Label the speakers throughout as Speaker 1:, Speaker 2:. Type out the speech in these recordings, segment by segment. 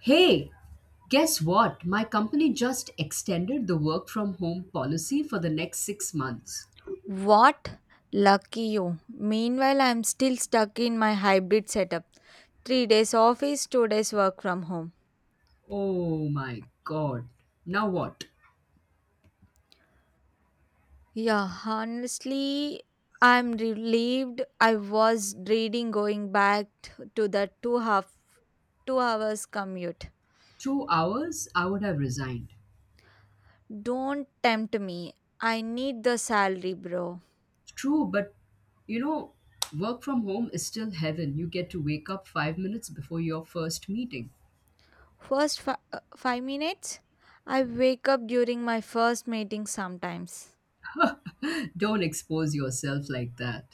Speaker 1: Hey, guess what? My company just extended the work from home policy for the next 6 months.
Speaker 2: What? Lucky you. Meanwhile, I'm still stuck in my hybrid setup. 3 days office, 2 days work from home.
Speaker 1: Oh my god. Now what?
Speaker 2: Yeah, honestly, I'm relieved. I was dreading going back to the 2 hours commute.
Speaker 1: 2 hours? I would have resigned.
Speaker 2: Don't tempt me. I need the salary, bro.
Speaker 1: True, but you know, work from home is still heaven. You get to wake up 5 minutes before your first meeting.
Speaker 2: First fi- uh, 5 minutes, I wake up during my first meeting sometimes.
Speaker 1: Don't expose yourself like that.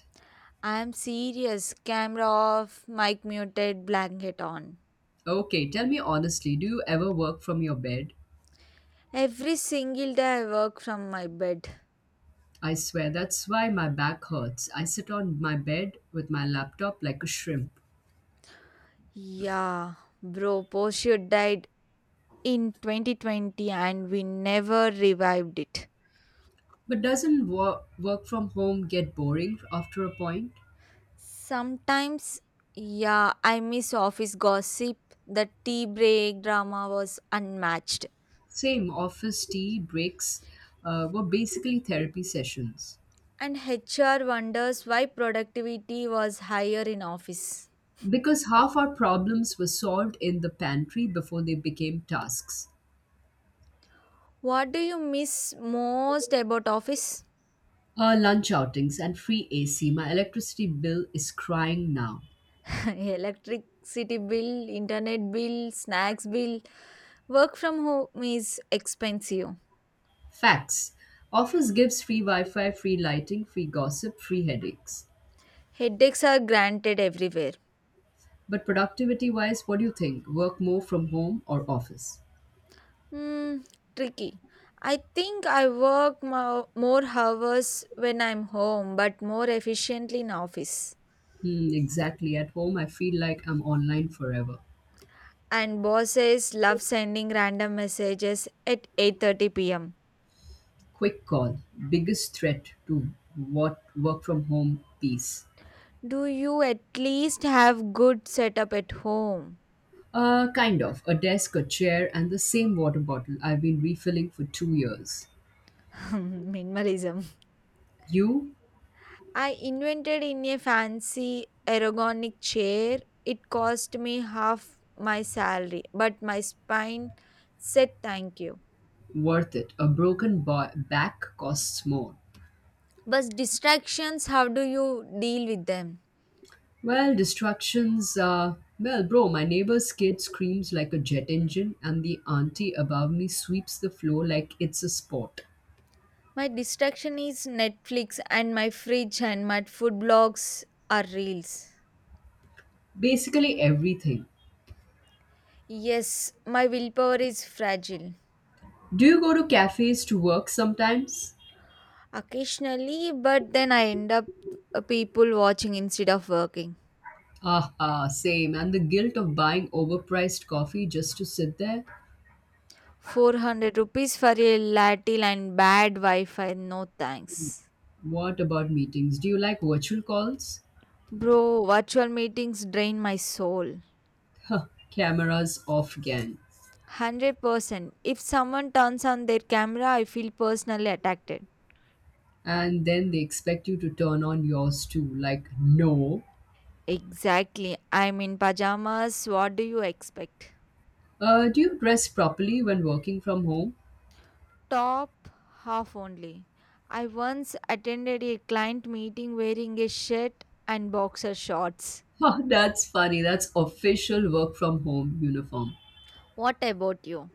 Speaker 2: I'm serious. Camera off, mic muted, blanket on.
Speaker 1: Okay, tell me honestly, do you ever work from your bed?
Speaker 2: Every single day I work from my bed.
Speaker 1: I swear that's why my back hurts. I sit on my bed with my laptop like a shrimp.
Speaker 2: Yeah, bro, Porsche died in 2020 and we never revived it.
Speaker 1: But doesn't work from home get boring after a point?
Speaker 2: Sometimes, yeah, I miss office gossip. The tea break drama was unmatched.
Speaker 1: Same office tea breaks were basically therapy sessions
Speaker 2: And HR wonders why productivity was higher in office.
Speaker 1: because half our problems were solved in the pantry before they became tasks.
Speaker 2: What do you miss most about office?
Speaker 1: Lunch outings and free AC. My electricity bill is crying now.
Speaker 2: Electricity bill, internet bill, snacks bill. Work from home is expensive.
Speaker 1: Facts. Office gives free Wi Fi, free lighting, free gossip, free headaches.
Speaker 2: Headaches are granted everywhere.
Speaker 1: But productivity wise, what do you think? Work more from home or office?
Speaker 2: Hmm, tricky. I think I work more hours when I'm home, but more efficiently in office.
Speaker 1: Hmm, exactly. At home, I feel like I'm online forever.
Speaker 2: And bosses love sending random messages at 8:30 p.m.
Speaker 1: Quick call. Biggest threat to what work from home piece?
Speaker 2: Do you at least have good setup at home?
Speaker 1: Kind of. A desk, a chair, and the same water bottle I've been refilling for 2 years.
Speaker 2: Minimalism.
Speaker 1: You?
Speaker 2: I invented in a fancy ergonomic chair. It cost me half my salary, but my spine said thank you.
Speaker 1: Worth it. A broken back costs more.
Speaker 2: But distractions, how do you deal with them?
Speaker 1: Well, distractions. Well, bro, my neighbor's kid screams like a jet engine, and the auntie above me sweeps the floor like it's a sport.
Speaker 2: My distraction is Netflix and my fridge and my food blogs are reels.
Speaker 1: Basically, everything.
Speaker 2: Yes, my willpower is fragile
Speaker 1: Do you go to cafes to work sometimes?
Speaker 2: occasionally, but then I end up people watching instead of working.
Speaker 1: Ah, same. And the guilt of buying overpriced coffee just to sit there?
Speaker 2: 400 rupees for a latte and bad Wi-Fi, no thanks.
Speaker 1: What about meetings? Do you like virtual calls?
Speaker 2: Bro, virtual meetings drain my soul.
Speaker 1: Huh, cameras off again.
Speaker 2: 100%. If someone turns on their camera, I feel personally attacked.
Speaker 1: And then they expect you to turn on yours too. Like, no.
Speaker 2: Exactly. I'm in pajamas. What do you expect?
Speaker 1: Do you dress properly when working from home?
Speaker 2: Top half only. I once attended a client meeting wearing a shirt and boxer shorts.
Speaker 1: Oh, that's funny. That's official work from home uniform.
Speaker 2: What about you?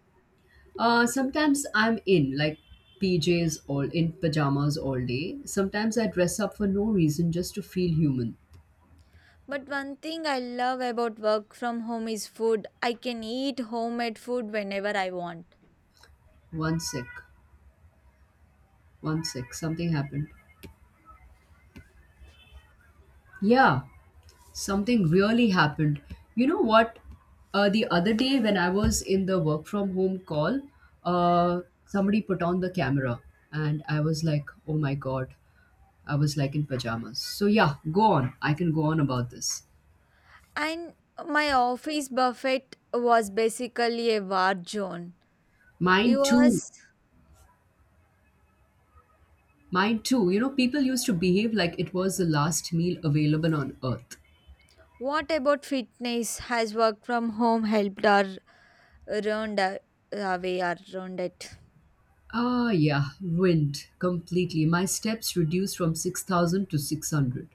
Speaker 1: Sometimes I'm in PJs all in pajamas all day. Sometimes I dress up for no reason just to feel human.
Speaker 2: But one thing I love about work from home is food. I can eat homemade food whenever I want.
Speaker 1: One sec, one sec. Something happened. Yeah, something really happened. You know what? The other day when I was in the work from home call, somebody put on the camera and I was like, oh my god. I was like in pajamas. So yeah, go on. I can go on about this.
Speaker 2: And my office buffet was basically a war zone.
Speaker 1: Mine
Speaker 2: Yours,
Speaker 1: too. Mine too. You know, people used to behave like it was the last meal available on earth.
Speaker 2: what about fitness? Has work from home helped or ruined away or ruined it?
Speaker 1: Ah, yeah, ruined completely. My steps reduced from 6,000 to 600.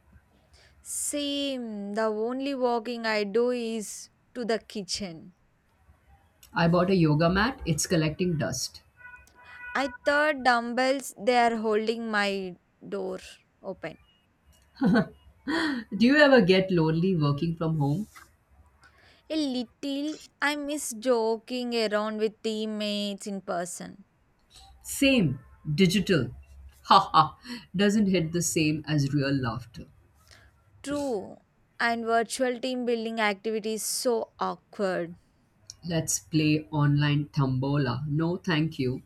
Speaker 2: Same. The only walking I do is to the kitchen.
Speaker 1: I bought a yoga mat, it's collecting dust.
Speaker 2: I thought dumbbells, they are holding my door open.
Speaker 1: Do you ever get lonely working from home?
Speaker 2: A little. I miss joking around with teammates in person.
Speaker 1: Same, digital. Ha ha. Doesn't hit the same as real laughter.
Speaker 2: True. And virtual team building activity is so awkward.
Speaker 1: Let's play online tambola. No, thank you.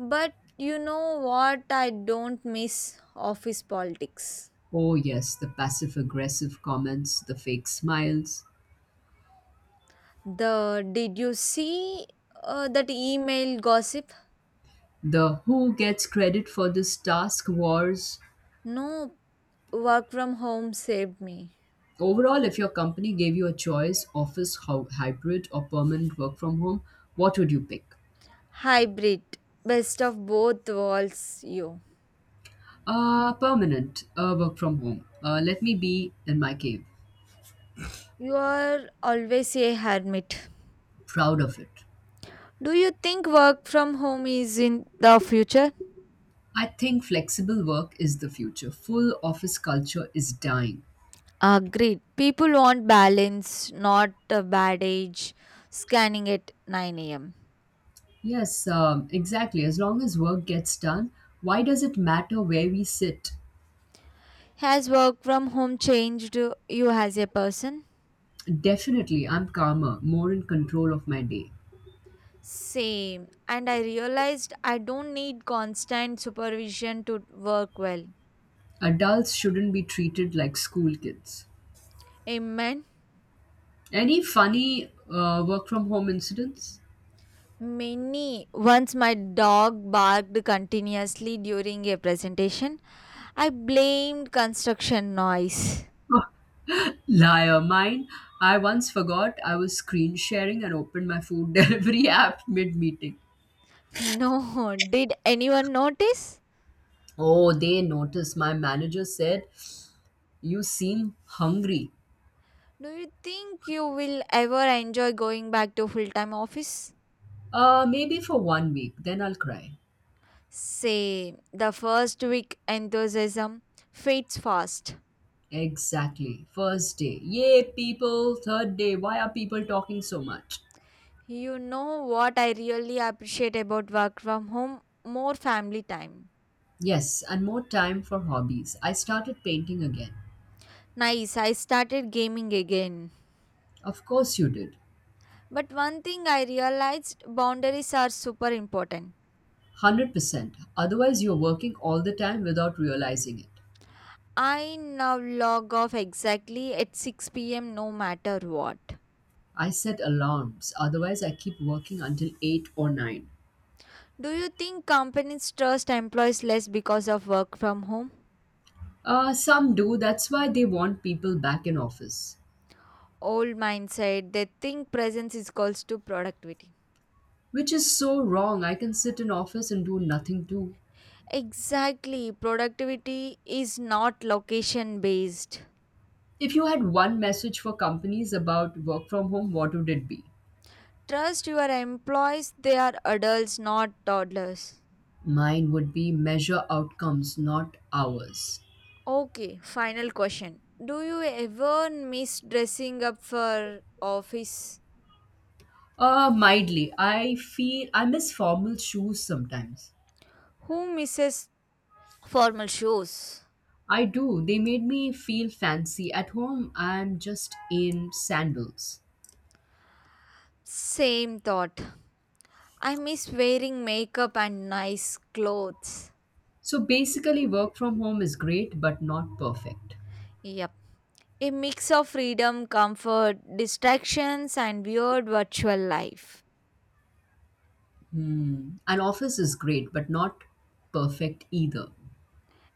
Speaker 2: But you know what? I don't miss office politics.
Speaker 1: Oh, yes, the passive aggressive comments, the fake smiles,
Speaker 2: The Did you see that email gossip?
Speaker 1: the who gets credit for this task wars.
Speaker 2: No, work from home saved me.
Speaker 1: Overall, if your company gave you a choice, office, how, hybrid, or permanent work from home, what would you pick?
Speaker 2: Hybrid, best of both worlds. You.
Speaker 1: Permanent work from home. Let me be in my cave,
Speaker 2: You are always a hermit.
Speaker 1: proud of it.
Speaker 2: Do you think work from home is in the future?
Speaker 1: I think flexible work is the future. Full office culture is dying.
Speaker 2: Agreed. People want balance, not a bad age scanning at 9 a.m.
Speaker 1: Yes, exactly. As long as work gets done, why does it matter where we sit?
Speaker 2: Has work from home changed you as a person?
Speaker 1: Definitely, I'm calmer, more in control of my day.
Speaker 2: Same. And I realized I don't need constant supervision to work well.
Speaker 1: Adults shouldn't be treated like school kids.
Speaker 2: Amen.
Speaker 1: Any funny work from home incidents?
Speaker 2: Many. Once my dog barked continuously during a presentation, I blamed construction noise.
Speaker 1: Liar, mine. I once forgot I was screen sharing and opened my food delivery app mid meeting.
Speaker 2: No, did anyone notice?
Speaker 1: Oh, they noticed. My manager said, "You seem hungry."
Speaker 2: Do you think you will ever enjoy going back to full time office?
Speaker 1: Maybe for 1 week, then I'll cry.
Speaker 2: Same. The first week enthusiasm fades fast.
Speaker 1: Exactly. First day. Yay, people. Third day. Why are people talking so much?
Speaker 2: You know what I really appreciate about work from home? More family time.
Speaker 1: Yes, and more time for hobbies. I started painting again.
Speaker 2: Nice, I started gaming again.
Speaker 1: Of course, you did.
Speaker 2: But one thing I realized boundaries are super important.
Speaker 1: 100%. Otherwise, you're working all the time without realizing it.
Speaker 2: I now log off exactly at 6 p.m. no matter what.
Speaker 1: I set alarms, otherwise, I keep working until 8 or 9.
Speaker 2: Do you think companies trust employees less because of work from home?
Speaker 1: Some do, that's why they want people back in office.
Speaker 2: Old mindset, they think presence is equals to productivity.
Speaker 1: Which is so wrong. I can sit in office and do nothing too.
Speaker 2: Exactly, productivity is not location based.
Speaker 1: If you had one message for companies about work from home, what would it be?
Speaker 2: Trust your employees, they are adults, not toddlers.
Speaker 1: Mine would be measure outcomes, not hours.
Speaker 2: Okay, final question. Do you ever miss dressing up for office?
Speaker 1: Mildly. I feel I miss formal shoes sometimes.
Speaker 2: Who misses formal shoes?
Speaker 1: I do. They made me feel fancy. At home, I'm just in sandals.
Speaker 2: Same thought. I miss wearing makeup and nice clothes.
Speaker 1: So basically, work from home is great, but not perfect.
Speaker 2: Yep. A mix of freedom, comfort, distractions, and weird virtual life.
Speaker 1: Hmm. An office is great, but not perfect either.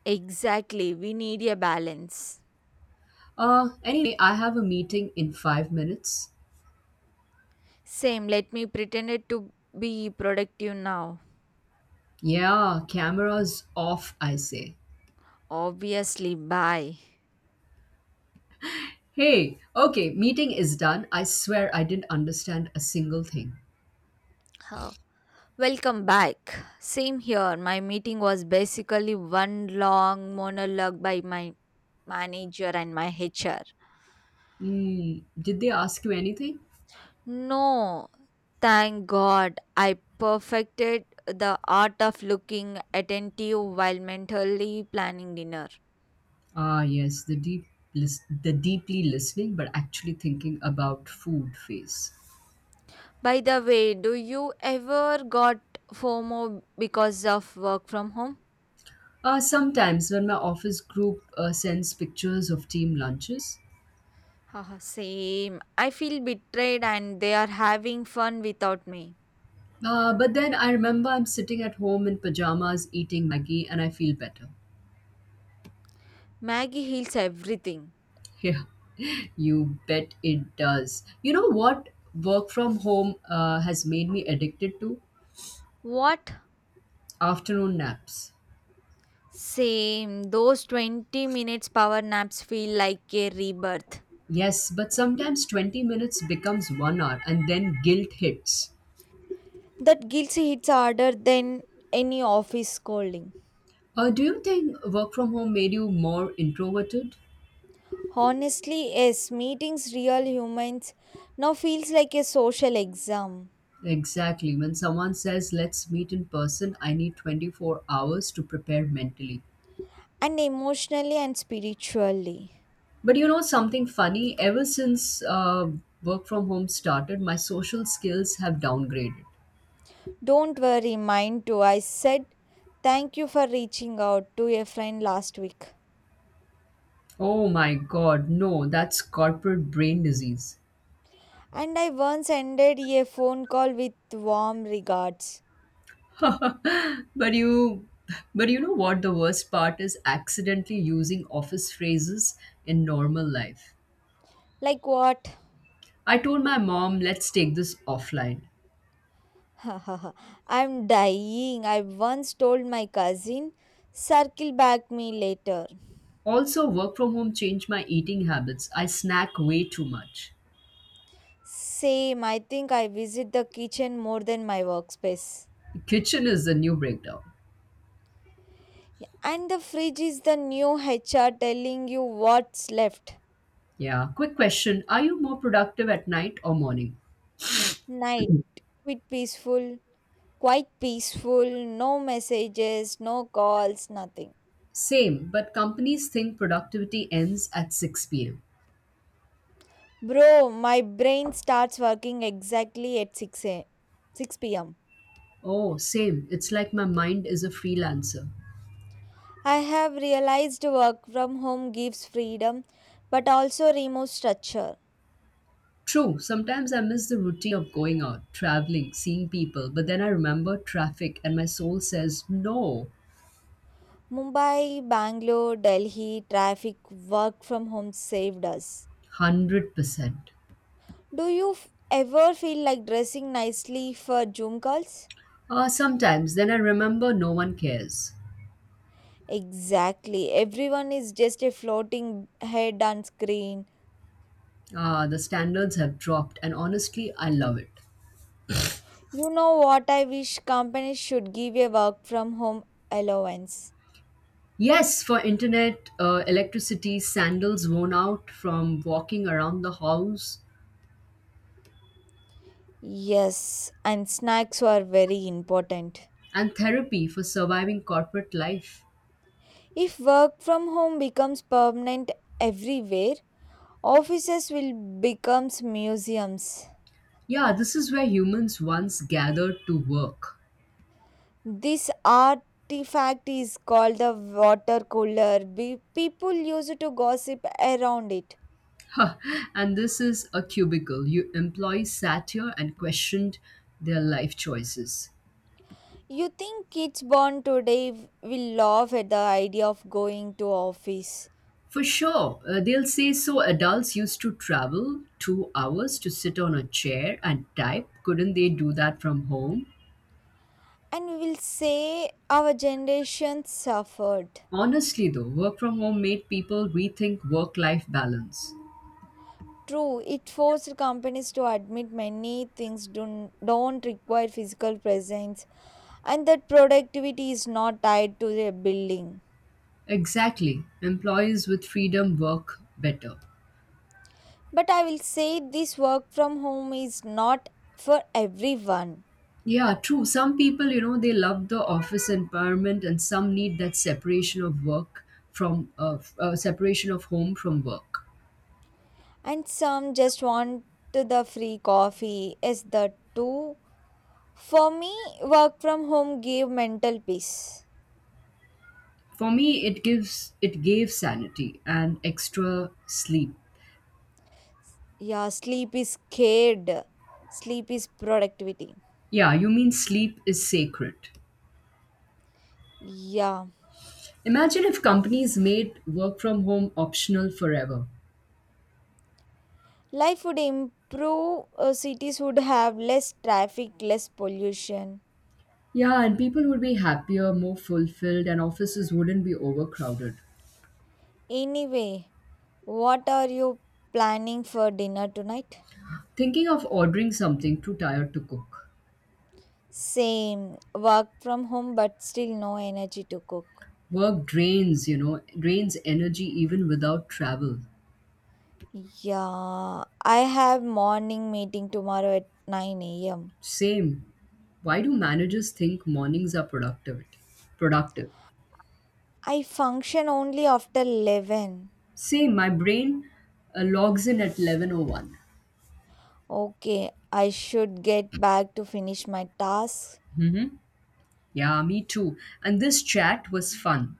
Speaker 2: Exactly. We need a balance.
Speaker 1: Anyway, I have a meeting in 5 minutes.
Speaker 2: Same. Let me pretend it to be productive now.
Speaker 1: Yeah, cameras off, I say.
Speaker 2: Obviously. Bye.
Speaker 1: Hey, okay, meeting is done. I swear I didn't understand a single thing.
Speaker 2: Oh. Welcome back. Same here. My meeting was basically one long monologue by my manager and my HR.
Speaker 1: Mm, did they ask you anything?
Speaker 2: No, thank God I perfected the art of looking attentive while mentally planning dinner.
Speaker 1: Ah, yes, the the deeply listening but actually thinking about food phase.
Speaker 2: By the way, do you ever got FOMO because of work from home?
Speaker 1: Sometimes when my office group sends pictures of team lunches,
Speaker 2: Haha, same. I feel betrayed and they are having fun without me.
Speaker 1: but then I remember I'm sitting at home in pajamas eating Maggie and I feel better.
Speaker 2: Maggie heals everything.
Speaker 1: Yeah, you bet it does. You know what work from home has made me addicted to?
Speaker 2: What?
Speaker 1: Afternoon naps.
Speaker 2: Same. Those 20 minutes power naps feel like a rebirth.
Speaker 1: Yes, but sometimes 20 minutes becomes 1 hour and then guilt hits.
Speaker 2: That guilty hits harder than any office scolding.
Speaker 1: Do you think work from home made you more introverted?
Speaker 2: Honestly, yes, meetings real humans now feels like a social exam.
Speaker 1: Exactly. When someone says, let's meet in person, I need 24 hours to prepare mentally.
Speaker 2: And emotionally and spiritually.
Speaker 1: But you know something funny? Ever since work from home started, my social skills have downgraded.
Speaker 2: Don't worry, mine too. I said thank you for reaching out to a friend last week.
Speaker 1: Oh my god, no, that's corporate brain disease.
Speaker 2: And I once ended a phone call with warm regards.
Speaker 1: But you, but you know what? The worst part is accidentally using office phrases in normal life.
Speaker 2: Like what?
Speaker 1: I told my mom, let's take this offline.
Speaker 2: I'm dying. I once told my cousin, circle back me later.
Speaker 1: Also, work from home changed my eating habits. I snack way too much.
Speaker 2: Same, I think I visit the kitchen more than my workspace.
Speaker 1: The kitchen is the new breakdown.
Speaker 2: And the fridge is the new HR telling you what's left.
Speaker 1: Yeah. Quick question: are you more productive at night or morning?
Speaker 2: Night, quite peaceful, quite peaceful, no messages, no calls, nothing.
Speaker 1: Same, but companies think productivity ends at 6 pm.
Speaker 2: Bro, my brain starts working exactly at 6 p.m.
Speaker 1: Oh, same. It's like my mind is a freelancer.
Speaker 2: I have realized work from home gives freedom but also removes structure.
Speaker 1: True, sometimes I miss the routine of going out, traveling, seeing people, but then I remember traffic and my soul says no.
Speaker 2: Mumbai, Bangalore, Delhi traffic, work from home saved us.
Speaker 1: 100%.
Speaker 2: Do you ever feel like dressing nicely for Zoom calls?
Speaker 1: Sometimes then I remember no one cares.
Speaker 2: Exactly. Everyone is just a floating head on screen.
Speaker 1: Ah, the standards have dropped, and honestly, I love it.
Speaker 2: You know what I wish companies should give a work from home allowance.
Speaker 1: Yes, for internet, electricity, sandals worn out from walking around the house,
Speaker 2: Yes, and snacks are very important.
Speaker 1: and therapy for surviving corporate life.
Speaker 2: If work from home becomes permanent everywhere, offices will become museums.
Speaker 1: Yeah, this is where humans once gathered to work.
Speaker 2: This artifact is called the water cooler. People used to gossip around it.
Speaker 1: And this is a cubicle. You employees sat here and questioned their life choices.
Speaker 2: You think kids born today will laugh at the idea of going to office
Speaker 1: For sure, they'll say so adults used to travel 2 hours to sit on a chair and type. Couldn't they do that from home?
Speaker 2: and will say our generation suffered.
Speaker 1: Honestly, though, work from home made people rethink work life balance.
Speaker 2: True, it forced companies to admit many things don't require physical presence and that productivity is not tied to their building.
Speaker 1: Exactly. Employees with freedom work better.
Speaker 2: But I will say this work from home is not for everyone.
Speaker 1: Yeah, true. Some people, you know, they love the office environment, and some need that separation of work from separation of home from work.
Speaker 2: And some just want the free coffee. Is the two. For me, work from home gave mental peace.
Speaker 1: For me, it gave sanity and extra sleep.
Speaker 2: Yeah, sleep is scared. Sleep is productivity.
Speaker 1: Yeah, you mean sleep is sacred.
Speaker 2: Yeah.
Speaker 1: Imagine if companies made work from home optional forever.
Speaker 2: Life would improve, cities would have less traffic, less pollution.
Speaker 1: Yeah, and people would be happier, more fulfilled, and offices wouldn't be overcrowded.
Speaker 2: Anyway, what are you planning for dinner tonight?
Speaker 1: Thinking of ordering something too tired to cook.
Speaker 2: Same, work from home but still no energy to cook.
Speaker 1: Work drains, you know, drains energy even without travel.
Speaker 2: Yeah, I have morning meeting tomorrow at 9 a.m.
Speaker 1: Same. Why do managers think mornings are productive?
Speaker 2: I function only after 11.
Speaker 1: Same. My brain logs in at 11:01.
Speaker 2: Okay, I should get back to finish my tasks.
Speaker 1: Mm-hmm. Yeah, me too. And this chat was fun.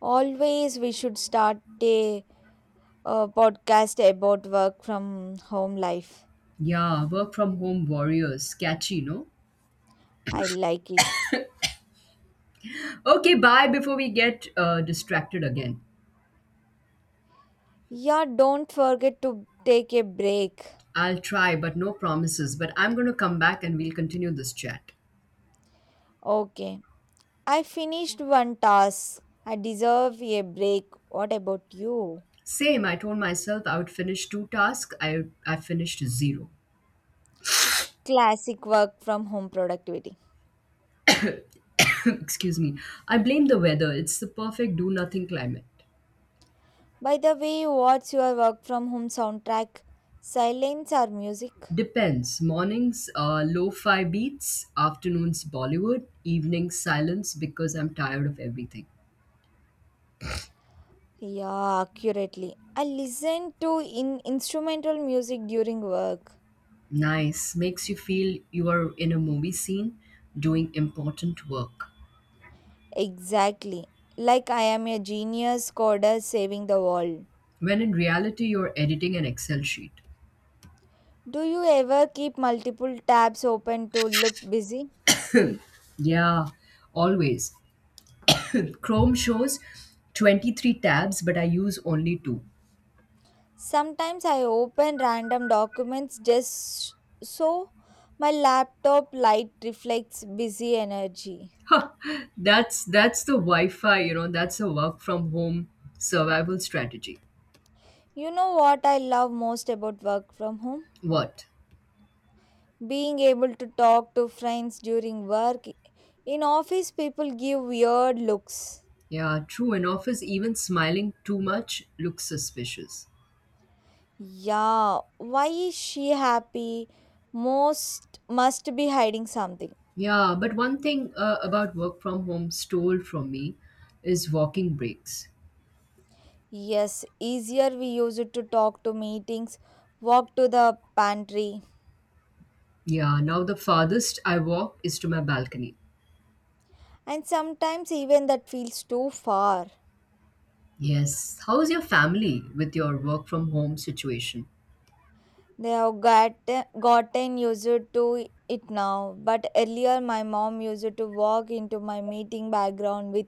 Speaker 2: Always we should start a podcast about work from home life.
Speaker 1: Yeah, work from home warriors. Catchy, no?
Speaker 2: I like it.
Speaker 1: Okay, bye before we get distracted again.
Speaker 2: Yeah, don't forget to take a break.
Speaker 1: I'll try, but no promises. But I'm going to come back and we'll continue this chat.
Speaker 2: Okay. I finished one task. I deserve a break. What about you?
Speaker 1: Same, I told myself I would finish two tasks. I finished zero.
Speaker 2: Classic work from home productivity.
Speaker 1: Excuse me. I blame the weather. It's the perfect do nothing climate.
Speaker 2: By the way, what's your work from home soundtrack? Silence or music?
Speaker 1: Depends. Mornings, lo-fi beats. Afternoons, Bollywood. Evenings, silence because I'm tired of everything.
Speaker 2: Yeah, accurately. I listen to in instrumental music during work.
Speaker 1: Nice. Makes you feel you are in a movie scene doing important work.
Speaker 2: Exactly. Like I am a genius coder saving the world.
Speaker 1: When in reality, you're editing an Excel sheet.
Speaker 2: Do you ever keep multiple tabs open to look busy?
Speaker 1: Yeah, always. Chrome shows 23 tabs, but I use only two.
Speaker 2: Sometimes I open random documents just so my laptop light reflects busy energy.
Speaker 1: That's the Wi-Fi, you know, that's a work from home survival strategy.
Speaker 2: You know what I love most about work from home?
Speaker 1: What?
Speaker 2: Being able to talk to friends during work. In office, people give weird looks.
Speaker 1: Yeah, true. In office, even smiling too much looks suspicious.
Speaker 2: Yeah, why is she happy? Most must be hiding something.
Speaker 1: Yeah, but one thing about work from home stole from me is walking breaks.
Speaker 2: Yes, easier we use it to talk to meetings, walk to the pantry.
Speaker 1: Yeah, now the farthest I walk is to my balcony.
Speaker 2: And sometimes even that feels too far.
Speaker 1: Yes. How's your family with your work from home situation?
Speaker 2: They have gotten used to it now, but earlier my mom used to walk into my meeting background with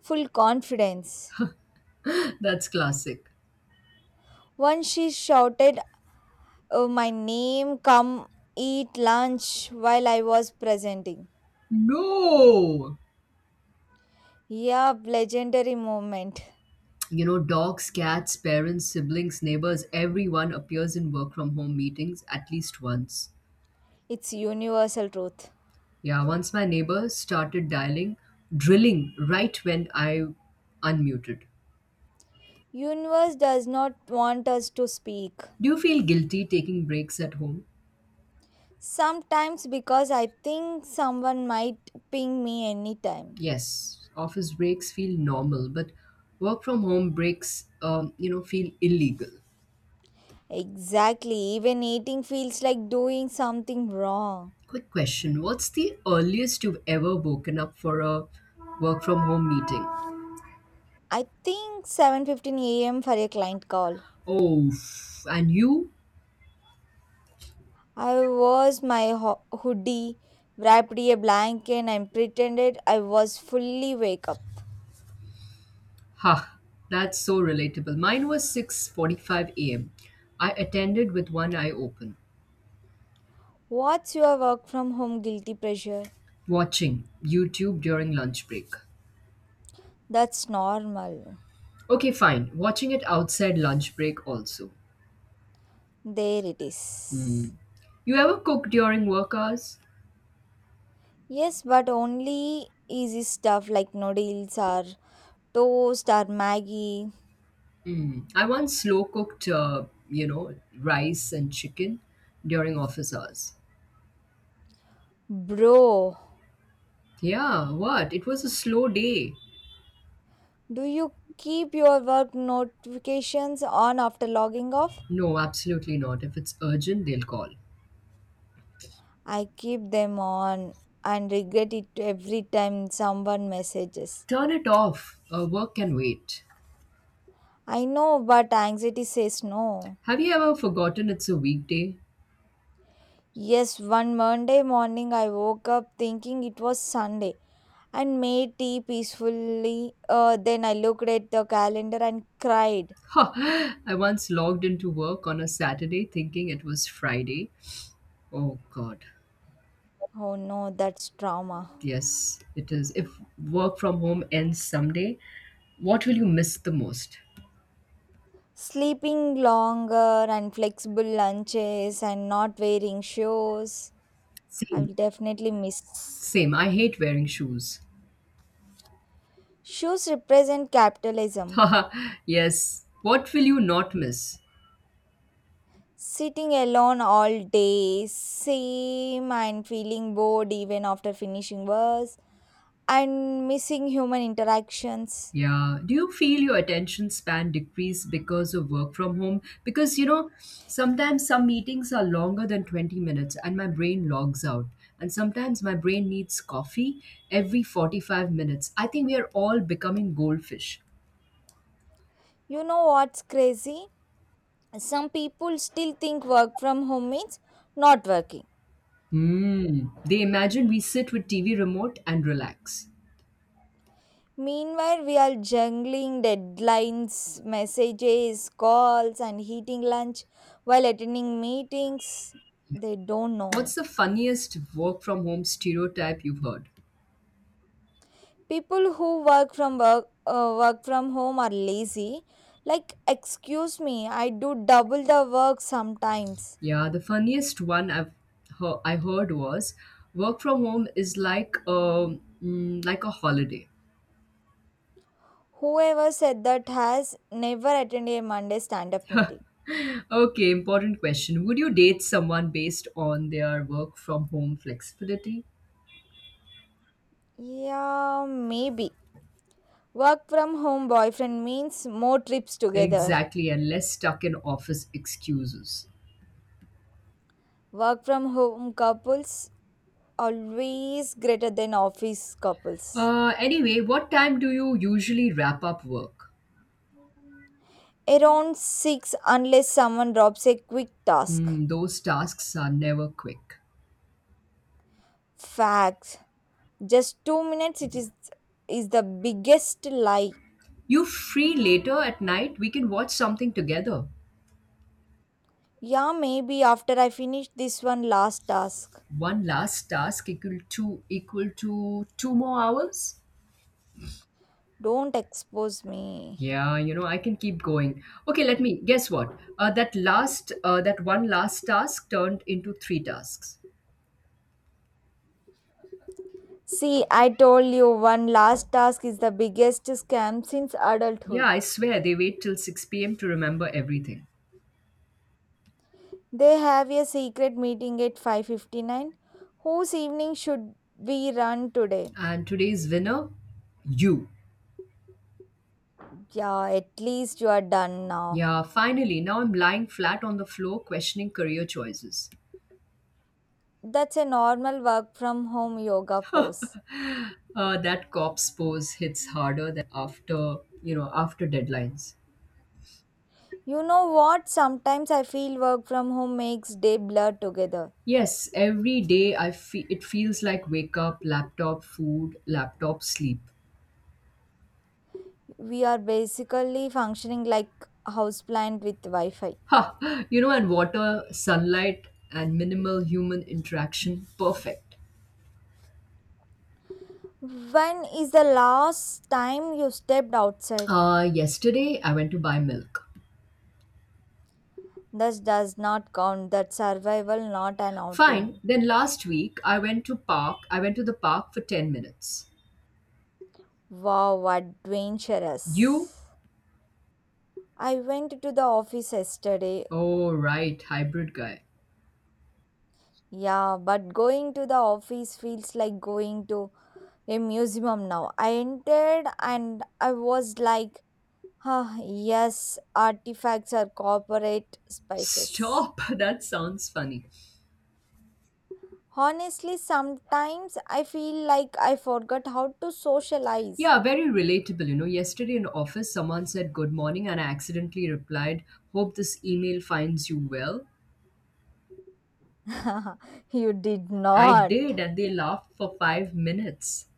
Speaker 2: full confidence.
Speaker 1: That's classic.
Speaker 2: Once she shouted oh, my name, come eat lunch while I was presenting.
Speaker 1: No!
Speaker 2: Yeah, legendary moment.
Speaker 1: You know, dogs, cats, parents, siblings, neighbors, everyone appears in work from home meetings at least once.
Speaker 2: It's universal truth.
Speaker 1: Yeah, once my neighbor started drilling right when I unmuted.
Speaker 2: Universe does not want us to speak.
Speaker 1: Do you feel guilty taking breaks at home?
Speaker 2: Sometimes because I think someone might ping me anytime.
Speaker 1: Yes, office breaks feel normal, but work from home breaks, you know, feel illegal.
Speaker 2: Exactly, even eating feels like doing something wrong.
Speaker 1: Quick question: what's the earliest you've ever woken up for a work from home meeting?
Speaker 2: I think 7:15 a.m. for a client call.
Speaker 1: Oh, and you?
Speaker 2: I was my hoodie, wrapped in a blanket and pretended I was fully wake up.
Speaker 1: Ha, that's so relatable. Mine was 6:45 a.m. I attended with one eye open,
Speaker 2: What's your work from home guilty pressure?
Speaker 1: watching YouTube during lunch break.
Speaker 2: That's normal.
Speaker 1: Okay, fine. Watching it outside lunch break also.
Speaker 2: There it
Speaker 1: Hmm.
Speaker 2: is.
Speaker 1: You ever cook during work hours?
Speaker 2: Yes, but only easy stuff like noodles or toast or Maggie.
Speaker 1: Hmm. I once slow cooked, you know, rice and chicken during office hours.
Speaker 2: Bro,
Speaker 1: Yeah, what? It was a slow day.
Speaker 2: do you keep your work notifications on after logging off?
Speaker 1: No, absolutely not. If it's urgent, they'll call.
Speaker 2: I keep them on and regret it every time someone messages.
Speaker 1: Turn it off. Work can wait.
Speaker 2: I know, but anxiety says no.
Speaker 1: Have you ever forgotten it's a weekday?
Speaker 2: Yes, one Monday morning I woke up thinking it was Sunday and made tea peacefully. Then I looked at the calendar and cried.
Speaker 1: Ha! I once logged into work on a Saturday thinking it was Friday. Oh God,
Speaker 2: Oh no, that's trauma.
Speaker 1: yes, it is. If work from home ends someday, what will you miss the most?
Speaker 2: Sleeping longer and flexible lunches and not wearing shoes. I
Speaker 1: Same,
Speaker 2: will definitely miss.
Speaker 1: same. I hate wearing shoes.
Speaker 2: Shoes represent capitalism.
Speaker 1: Haha, yes. What will you not miss?
Speaker 2: Sitting alone all day, same and feeling bored even after finishing work, and missing human interactions.
Speaker 1: Yeah. Do you feel your attention span decrease because of work from home? Because, you know, sometimes some meetings are longer than 20 minutes and my brain logs out. And sometimes my brain needs coffee every 45 minutes. I think we are all becoming goldfish.
Speaker 2: You know what's crazy? Some people still think work from home means not working.
Speaker 1: Hmm. They imagine we sit with TV remote and relax.
Speaker 2: Meanwhile, we are juggling deadlines, messages, calls, and eating lunch while attending meetings. They don't know.
Speaker 1: What's the funniest work from home stereotype you've heard?
Speaker 2: People who work from home are lazy. Like, excuse me, I do double the work sometimes.
Speaker 1: Yeah, the funniest one I heard was work from home is like like a holiday.
Speaker 2: Whoever said that has never attended a Monday stand up meeting.
Speaker 1: Okay, important question. Would you date someone based on their work from home flexibility?
Speaker 2: Yeah, maybe. Work from home boyfriend means more trips together.
Speaker 1: Exactly, and less stuck in office excuses.
Speaker 2: Work from home couples always greater than office couples.
Speaker 1: Anyway, what time do you usually wrap up work?
Speaker 2: Around 6 unless someone drops a quick task.
Speaker 1: Hmm, those tasks are never quick.
Speaker 2: Facts. Just 2 minutes it is the biggest lie.
Speaker 1: You free later at night? We can watch something together.
Speaker 2: Yeah, maybe after I finish this one last task.
Speaker 1: One last task equal to two more hours.
Speaker 2: Don't expose me.
Speaker 1: Yeah, you know, I can keep going. Okay, let me guess what. That one last task turned into three tasks.
Speaker 2: See, I told you one last task is the biggest scam since
Speaker 1: Yeah,
Speaker 2: adulthood.
Speaker 1: I swear they wait till 6 p.m. to remember everything.
Speaker 2: They have a secret meeting at 5:59 whose evening should we run today.
Speaker 1: And today's winner, you.
Speaker 2: Yeah, at least you are done now.
Speaker 1: Yeah, finally. Now I'm lying flat on the floor, questioning career choices.
Speaker 2: That's a normal work from home yoga pose.
Speaker 1: That cop's pose hits harder than after, you know, after deadlines.
Speaker 2: You know what? Sometimes I feel work from home makes day blur together.
Speaker 1: Yes, every day I feel it feels like wake up, laptop, food, laptop, sleep.
Speaker 2: We are basically functioning like houseplant with Wi-Fi.
Speaker 1: Ha! You know, and water, sunlight, and minimal human interaction. Perfect.
Speaker 2: When is the last time you stepped outside?
Speaker 1: Yesterday I went to buy milk.
Speaker 2: This does not count. That survival, not an
Speaker 1: Fine.
Speaker 2: outing.
Speaker 1: Then last week I went to park. I went to the park for 10 minutes.
Speaker 2: Wow,
Speaker 1: You?
Speaker 2: adventurous. I went to the office yesterday.
Speaker 1: Oh, right, hybrid guy.
Speaker 2: Yeah, but going to the office feels like going to a museum now. I entered and I was like, ah, yes, artifacts are corporate spices.
Speaker 1: Stop. That sounds funny.
Speaker 2: Honestly, sometimes I feel like I forgot how to socialize.
Speaker 1: Yeah, very relatable. You know, yesterday in office, someone said good morning, and I accidentally replied, "Hope this email finds you well."
Speaker 2: You did
Speaker 1: I
Speaker 2: not.
Speaker 1: did, and they laughed for 5 minutes.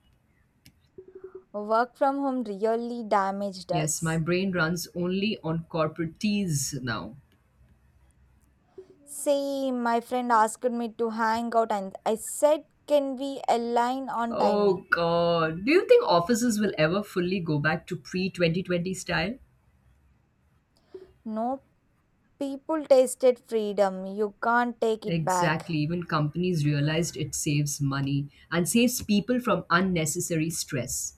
Speaker 2: Work from home really damaged
Speaker 1: Yes, my
Speaker 2: us.
Speaker 1: brain runs only on corporate teas now.
Speaker 2: See, my friend asked me to hang out, and I said, can we align on
Speaker 1: Oh,
Speaker 2: timing?
Speaker 1: God. Do you think offices will ever fully go back to pre 2020 style?
Speaker 2: No, people tasted freedom. You can't take it back.
Speaker 1: Exactly. Even companies realized it saves money and saves people from unnecessary stress.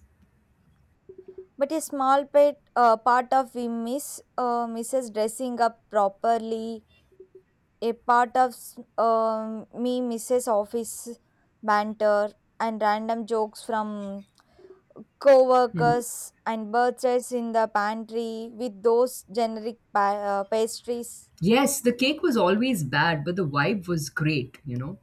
Speaker 2: But a small part of we miss misses dressing up properly. A part of um me misses office banter and random jokes from
Speaker 1: Hmm.
Speaker 2: co-workers and birthdays in the pantry with those generic pastries.
Speaker 1: Yes, the cake was always bad, but the vibe was great, you know.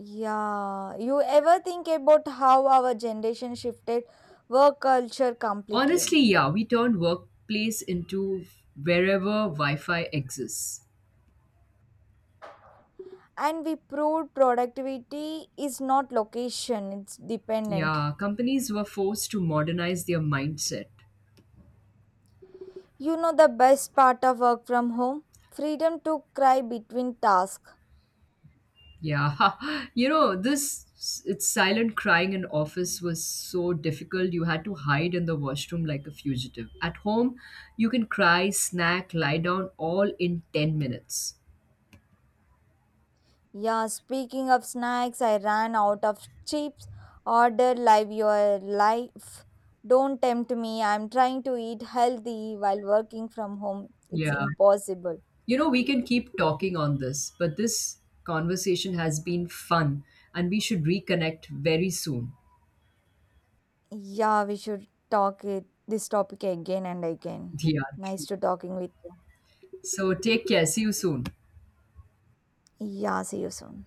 Speaker 2: Yeah, you ever think about how our generation shifted work culture completely?
Speaker 1: Honestly, yeah, we turned workplace into wherever Wi Fi exists.
Speaker 2: And we proved productivity is not location it's dependent.
Speaker 1: Yeah, companies were forced to modernize their mindset.
Speaker 2: You know the best part of work from home? Freedom to cry between tasks.
Speaker 1: Yeah, you know, this it's silent crying in office was so difficult. You had to hide in the washroom like a fugitive. At home, you can cry, snack, lie down all in 10 minutes.
Speaker 2: Yeah, speaking of snacks, I ran out of chips. Order. Live your life. Don't tempt me. I'm trying to eat healthy while working from home. It's
Speaker 1: Yeah.
Speaker 2: impossible.
Speaker 1: You know, we can keep talking on this, but this conversation has been fun and we should reconnect very soon.
Speaker 2: Yeah, we should talk it this topic again and again.
Speaker 1: Yeah,
Speaker 2: Nice
Speaker 1: true.
Speaker 2: to talking with you.
Speaker 1: So take care. See you soon.
Speaker 2: Yeah, see you soon.